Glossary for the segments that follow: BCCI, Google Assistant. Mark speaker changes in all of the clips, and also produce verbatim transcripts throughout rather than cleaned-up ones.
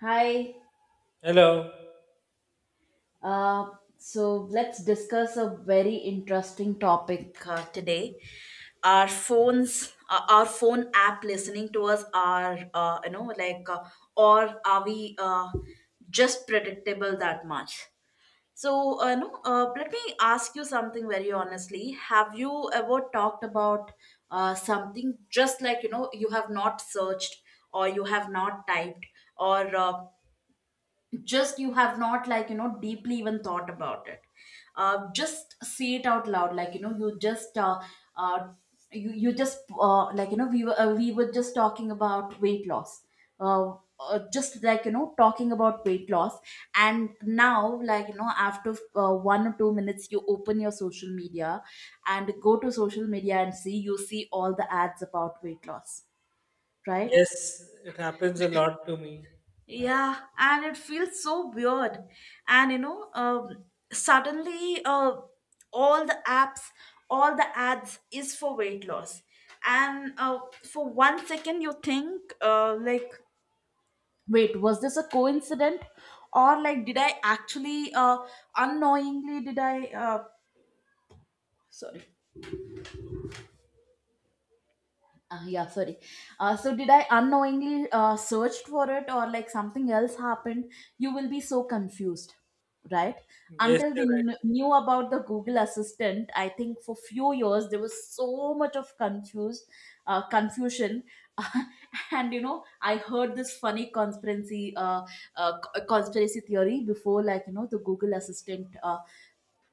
Speaker 1: Hi.
Speaker 2: Hello.
Speaker 1: Uh, so let's discuss a very interesting topic uh, today. Our phones, uh, our phone app listening to us are, uh, you know, like, uh, or are we uh, just predictable that much? So, uh, no, uh, let me ask you something very honestly. Have you ever talked about uh, something just like, you know, you have not searched or you have not typed or uh, just you have not like you know deeply even thought about it. Uh, just say it out loud like you know you just uh, uh, you, you just uh, like you know we were uh, we were just talking about weight loss uh, uh, just like you know Talking about weight loss. And now, like, you know after uh, one or two minutes you open your social media and go to social media, and see you see all the ads about weight loss, right?
Speaker 2: Yes, it happens a lot to me. Yeah.
Speaker 1: Yeah, and it feels so weird. And you know, um, suddenly, uh, all the apps, all the ads is for weight loss. And uh, for one second, you think, uh, like, wait, was this a coincidence? Or, like, did I actually, uh, unknowingly, did I, uh, sorry. Uh, yeah, sorry. Uh, so did I unknowingly uh, searched for it, or like something else happened? You will be so confused, right?
Speaker 2: Yes,
Speaker 1: Until we
Speaker 2: you're right.
Speaker 1: kn- knew about the Google Assistant, I think for few years there was so much of confused uh, confusion. And you know, I heard this funny conspiracy uh, uh, c- conspiracy theory before, like, you know, the Google Assistant. Uh,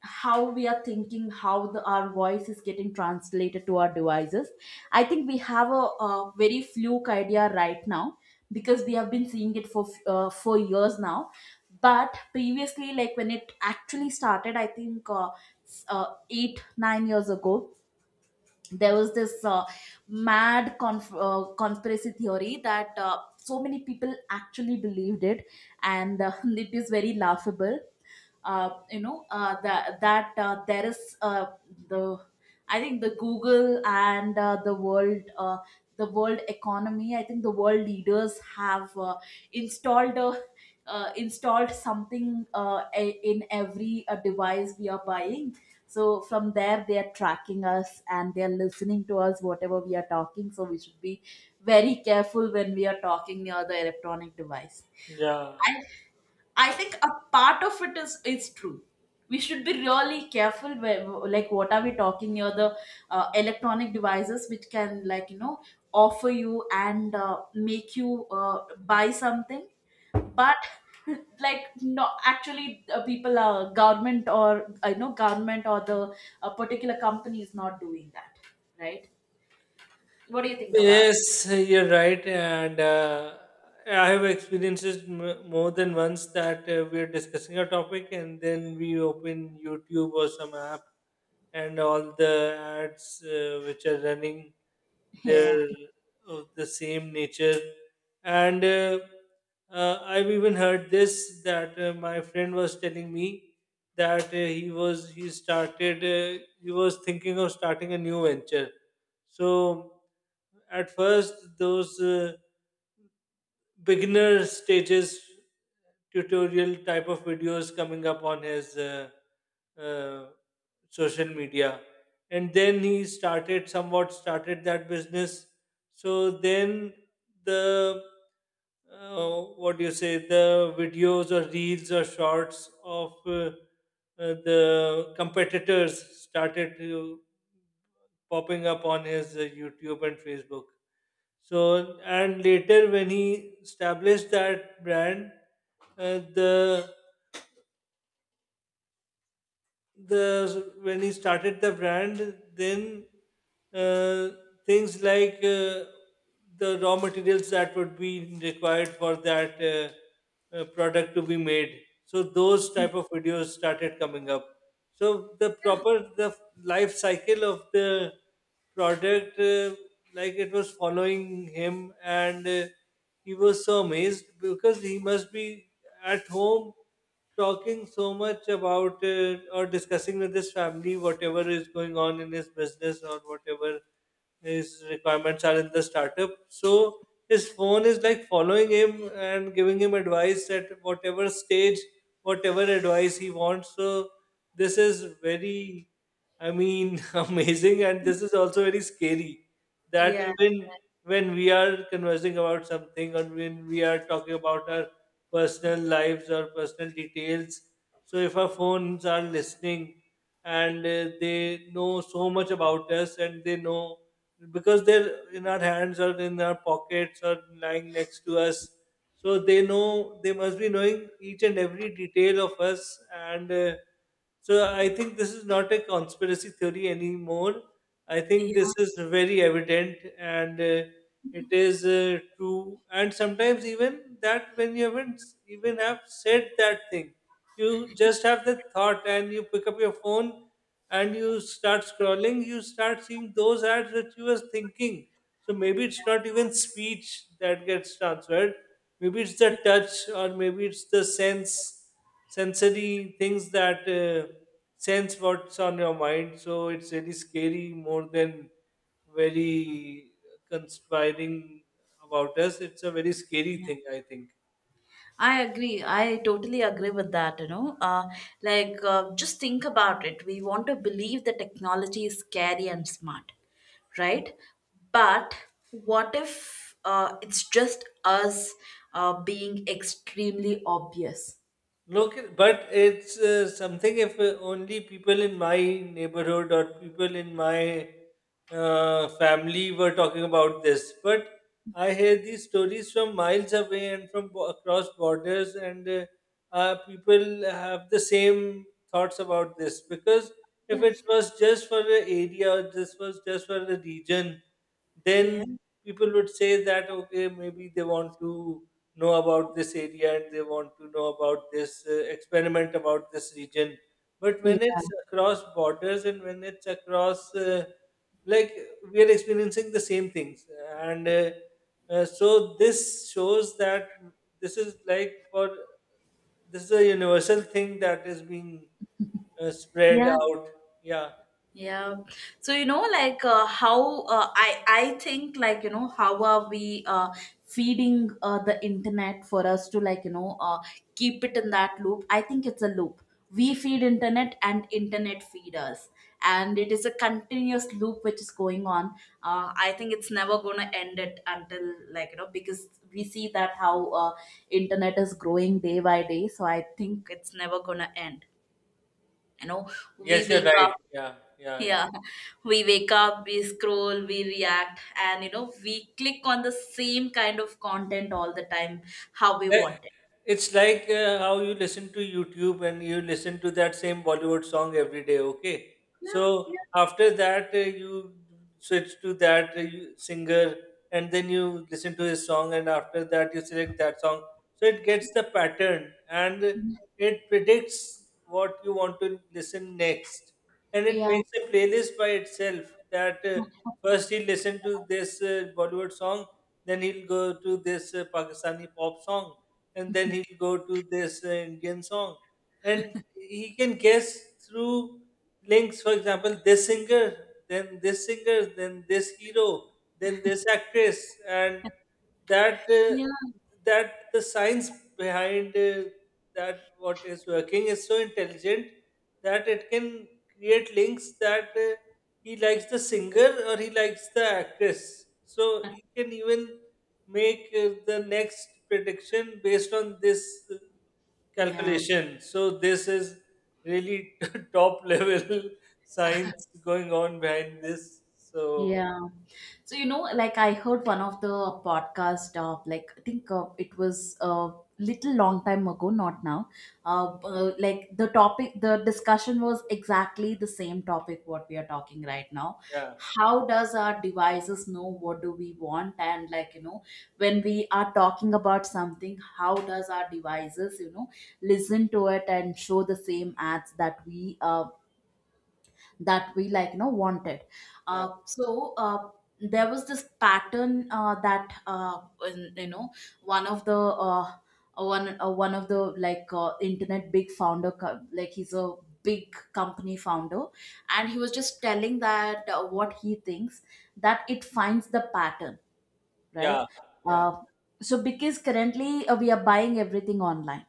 Speaker 1: how we are thinking how the our voice is getting translated to our devices. I think we have a, a very fluke idea right now, because we have been seeing it for uh, for years now. But previously, like, when it actually started, I think uh, s- uh, eight nine years ago there was this uh, mad conf- uh, conspiracy theory that uh, so many people actually believed it. And uh, it is very laughable. uh, you know uh, that that uh, there is uh, the I think the Google and uh, the world uh, the world economy, I think the world leaders have uh, installed a uh, installed something, uh, a- in every uh, device we are buying. So from there they are tracking us and they are listening to us, whatever we are talking. So we should be very careful when we are talking near the electronic device.
Speaker 2: Yeah.
Speaker 1: I think a part of it is is true. We should be really careful where, like, what are we talking here? The uh, electronic devices which can, like, you know, offer you and uh, make you uh, buy something, but like, no, actually, uh, people are government or I know government or the uh, particular company is not doing that, right? What do you think about?
Speaker 2: Yes, you're right, and uh, I have experienced m- more than once that uh, we're discussing a topic and then we open YouTube or some app, and all the ads uh, which are running,
Speaker 1: it?
Speaker 2: they're
Speaker 1: Yeah.
Speaker 2: of the same nature. And uh, uh, I've even heard this that uh, my friend was telling me that uh, he was he started uh, he was thinking of starting a new venture. So at first, those uh, beginner stages tutorial type of videos coming up on his uh, uh, social media, and then he started somewhat started that business. So then the uh, what do you say, the videos or reels or shorts of uh, uh, the competitors started to popping up on his uh, YouTube and Facebook. So, and later when he established that brand, uh, the the when he started the brand, then uh, things like, uh, the raw materials that would be required for that uh, uh, product to be made, so those type of videos started coming up. So the proper, the life cycle of the product, uh, like it was following him, and uh, he was so amazed because he must be at home talking so much about, uh, or discussing with his family whatever is going on in his business or whatever his requirements are in the startup. So his phone is like following him and giving him advice at whatever stage, whatever advice he wants. So this is very, I mean, amazing, and this is also very scary that
Speaker 1: Yeah.
Speaker 2: even when we are conversing about something or when we are talking about our personal lives or personal details, so if our phones are listening, and uh, they know so much about us, and they know because they're in our hands or in our pockets or lying next to us. So they know, they must be knowing each and every detail of us, and uh, so I think this is not a conspiracy theory anymore. I
Speaker 1: Yeah.
Speaker 2: think this is very evident, and uh, it is uh, true. And sometimes even that when you haven't s- even have said that thing, you just have the thought and you pick up your phone and you start scrolling, you start seeing those ads that you was thinking. So maybe it's not even speech that gets transferred. Maybe it's the touch, or maybe it's the sense, sensory things that uh, sense what's on your mind. So it's really scary more than very conspiring about us. It's a very scary
Speaker 1: Yeah.
Speaker 2: thing, I think.
Speaker 1: I agree. I totally agree with that. You know, uh, like uh, just think about it. We want to believe that technology is scary and smart, right? But what if uh, it's just us uh, being extremely obvious?
Speaker 2: Look, but it's uh, something if uh, only people in my neighborhood or people in my uh, family were talking about this. But I hear these stories from miles away and from bo- across borders, and uh, uh, people have the same thoughts about this. Because if it was just for the area, or this was just for the region,
Speaker 1: Yeah.
Speaker 2: then people would say that okay, maybe they want to know about this area and they want to know about this uh, experiment about this region, but
Speaker 1: Yeah.
Speaker 2: when it's across borders and when it's across uh, like, we are experiencing the same things, and uh, uh, so this shows that this is like for, this is a universal thing that is being uh, spread
Speaker 1: Yeah.
Speaker 2: out. Yeah.
Speaker 1: Yeah. So you know, like, uh, how uh, I I think, like, you know how are we uh, feeding uh, the internet for us to, like, you know uh, keep it in that loop? I think it's a loop. We feed internet and internet feed us, and it is a continuous loop which is going on. Uh, I think it's never gonna end it until, like, you know because we see that how uh, internet is growing day by day. So I think it's never gonna end. You know, we
Speaker 2: Yes, you're
Speaker 1: wake
Speaker 2: right,
Speaker 1: up
Speaker 2: yeah, yeah.
Speaker 1: Yeah, we wake up, we scroll, we react, and you know, we click on the same kind of content all the time, how we
Speaker 2: Like,
Speaker 1: want it.
Speaker 2: it's like uh, how you listen to YouTube and you listen to that same Bollywood song every day, okay?
Speaker 1: Yeah,
Speaker 2: So
Speaker 1: yeah.
Speaker 2: after that, uh, you switch to that uh, you- singer, and then you listen to his song, and after that, you select that song. So it gets the pattern, and it predicts what you want to listen next, and it
Speaker 1: Yeah.
Speaker 2: makes a playlist by itself, that uh, first he'll listen to this uh, Bollywood song, then he'll go to this uh, Pakistani pop song, and then he'll go to this uh, Indian song, and he can guess through links, for example, this singer, then this singer, then this hero, then this actress, and that uh,
Speaker 1: Yeah,
Speaker 2: that the science behind, uh, that what is working is so intelligent, that it can create links that, uh, he likes the singer or he likes the actress. So he can even make, uh, the next prediction based on this uh,
Speaker 1: yeah.
Speaker 2: calculation. So this is really top level science going on behind this. So
Speaker 1: Yeah. So, you know, like, I heard one of the podcast, uh, like, I think uh, it was a little long time ago, not now. Uh, uh, like, the topic, the discussion was exactly the same topic what we are talking right now.
Speaker 2: yeah,
Speaker 1: How does our devices know what do we want? And, like, you know, when we are talking about something, how does our devices, you know, listen to it and show the same ads that we uh, that we, like, you know wanted.
Speaker 2: yeah,
Speaker 1: uh, so uh, there was this pattern uh, that uh, in- you know one of the uh, one uh, one of the, like, uh, internet big founder co- like, he's a big company founder, and he was just telling that uh, what he thinks, that it finds the pattern,
Speaker 2: yeah,
Speaker 1: right?
Speaker 2: yeah.
Speaker 1: Uh, so because currently uh, we are buying everything online,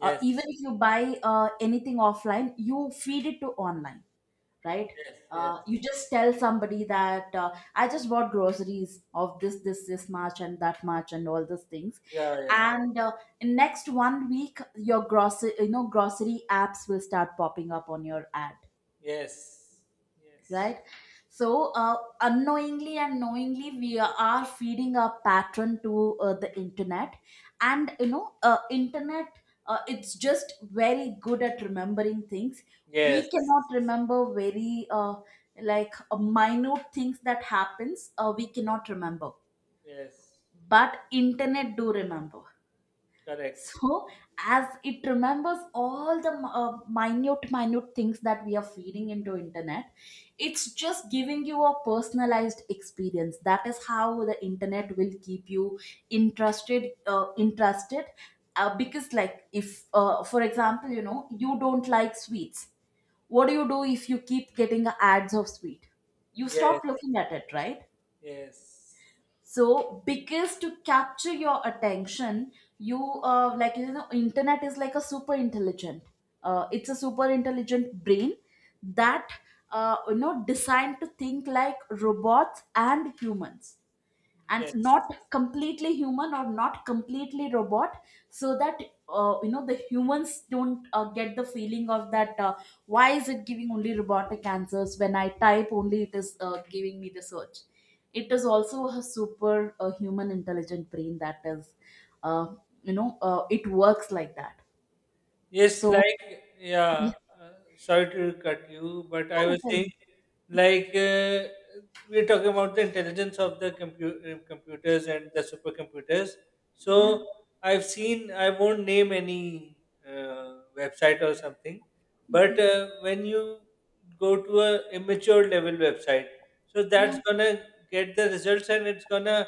Speaker 1: uh, even if you buy uh, anything offline, you feed it to online, right?
Speaker 2: yes, yes.
Speaker 1: Uh, you just tell somebody that uh, I just bought groceries of this, this, this much, and that much, and all those things.
Speaker 2: Yeah, yeah.
Speaker 1: And uh, in next one week, your grocery, you know, grocery apps will start popping up on your ad,
Speaker 2: Yes, yes,
Speaker 1: right? So uh, unknowingly and knowingly, we are feeding our pattern to uh, the internet, and you know uh, internet uh, it's just very good at remembering things.
Speaker 2: yes,
Speaker 1: We cannot remember very uh, like, uh, minute things that happens. Uh, we cannot remember,
Speaker 2: yes.
Speaker 1: but internet do remember.
Speaker 2: Correct.
Speaker 1: So, as it remembers all the uh, minute, minute things that we are feeding into internet, it's just giving you a personalized experience. That is how the internet will keep you interested, uh, interested. Uh, because, like, if, uh, for example, you know, you don't like sweets, what do you do if you keep getting ads of sweet? You
Speaker 2: Yes.
Speaker 1: stop looking at it, right?
Speaker 2: Yes.
Speaker 1: So, because to capture your attention, you uh, like, you know internet is like a super intelligent uh, it's a super intelligent brain that uh, you know designed to think like robots and humans, and
Speaker 2: Yes.
Speaker 1: not completely human or not completely robot, so that uh, you know the humans don't uh, get the feeling of that, uh, why is it giving only robotic answers when I type. Only it is uh, giving me the search. It is also a super uh, human intelligent brain that is uh, you know uh, it works like that.
Speaker 2: Yes,
Speaker 1: So,
Speaker 2: like, yeah,
Speaker 1: yeah.
Speaker 2: uh, sorry to cut you, but I was saying, like, uh, we're talking about the intelligence of the compu- uh, computers and the supercomputers.
Speaker 1: Yeah.
Speaker 2: So I've seen, I won't name any uh, website or something, but uh, when you go to a immature level website, so
Speaker 1: Yeah.
Speaker 2: that's gonna get the results, and it's gonna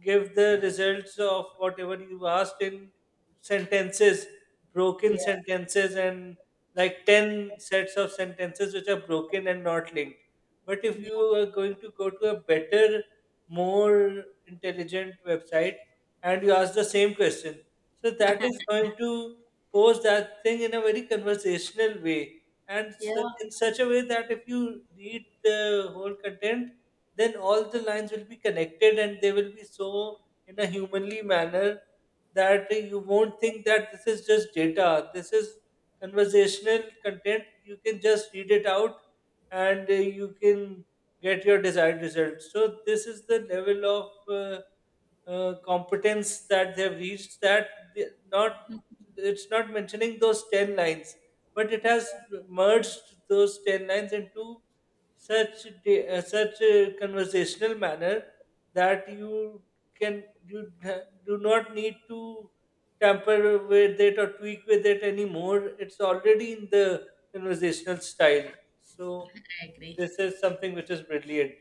Speaker 2: give the results of whatever you asked in sentences, broken
Speaker 1: Yeah,
Speaker 2: sentences, and like ten sets of sentences which are broken and not linked. But if
Speaker 1: yeah.
Speaker 2: you are going to go to a better, more intelligent website, and you ask the same question, so that is going to pose that thing in a very conversational way, and
Speaker 1: Yeah.
Speaker 2: so- in such a way that if you read the whole content, then all the lines will be connected, and they will be so in a humanly manner that you won't think that this is just data. This is conversational content. You can just read it out, and uh, you can get your desired results. So, this is the level of uh, uh, competence that they've reached, that they, not, it's not mentioning those ten lines, but it has merged those ten lines into such da- uh, such a conversational manner that you can, you ha- do not need to tamper with it or tweak with it anymore. It's already in the conversational style. So
Speaker 1: I agree.
Speaker 2: this is something which is brilliant.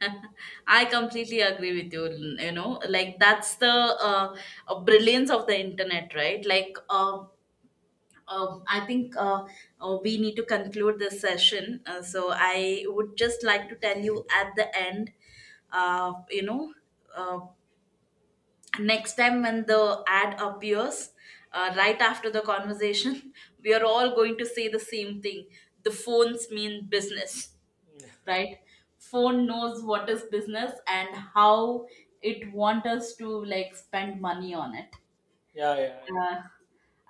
Speaker 1: I completely agree with you. You know, like, that's the uh, uh, brilliance of the internet, right? Like, uh, uh, I think uh, uh, we need to conclude this session. Uh, so I would just like to tell you at the end, uh, you know, uh, next time when the ad appears, uh, right after the conversation, we are all going to say the same thing. The phones mean business, right? Phone knows what is business and how it want us to, like, spend money on it.
Speaker 2: Yeah, yeah, yeah,
Speaker 1: uh,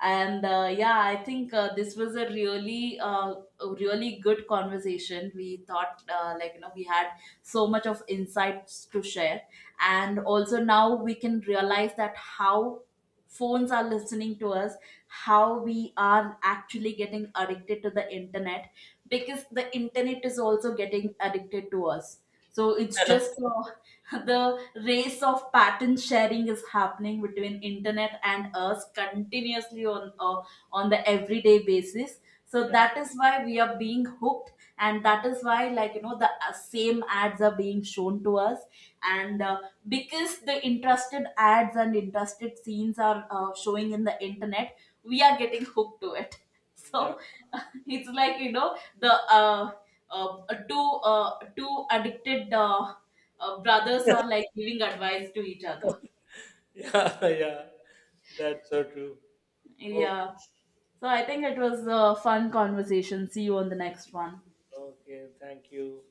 Speaker 1: and uh, yeah, I think uh, this was a really, uh, a really good conversation. We thought, uh, like, you know, we had so much of insights to share. And also now we can realize that how phones are listening to us, how we are actually getting addicted to the internet, because the internet is also getting addicted to us. So it's just uh, the race of pattern sharing is happening between internet and us continuously on uh, on the everyday basis, so
Speaker 2: yeah,
Speaker 1: that is why we are being hooked, and that is why, like, you know the uh, same ads are being shown to us. And uh, because the interested ads and interested scenes are uh, showing in the internet, we are getting hooked to it.
Speaker 2: yeah,
Speaker 1: So, it's like, you know the uh, uh, two uh, two addicted uh, uh, brothers
Speaker 2: yeah.
Speaker 1: are, like, giving advice to each other.
Speaker 2: Yeah. Yeah. That's so true. Oh,
Speaker 1: Yeah. So I think it was a fun conversation. See you on the next one.
Speaker 2: okay. Thank you.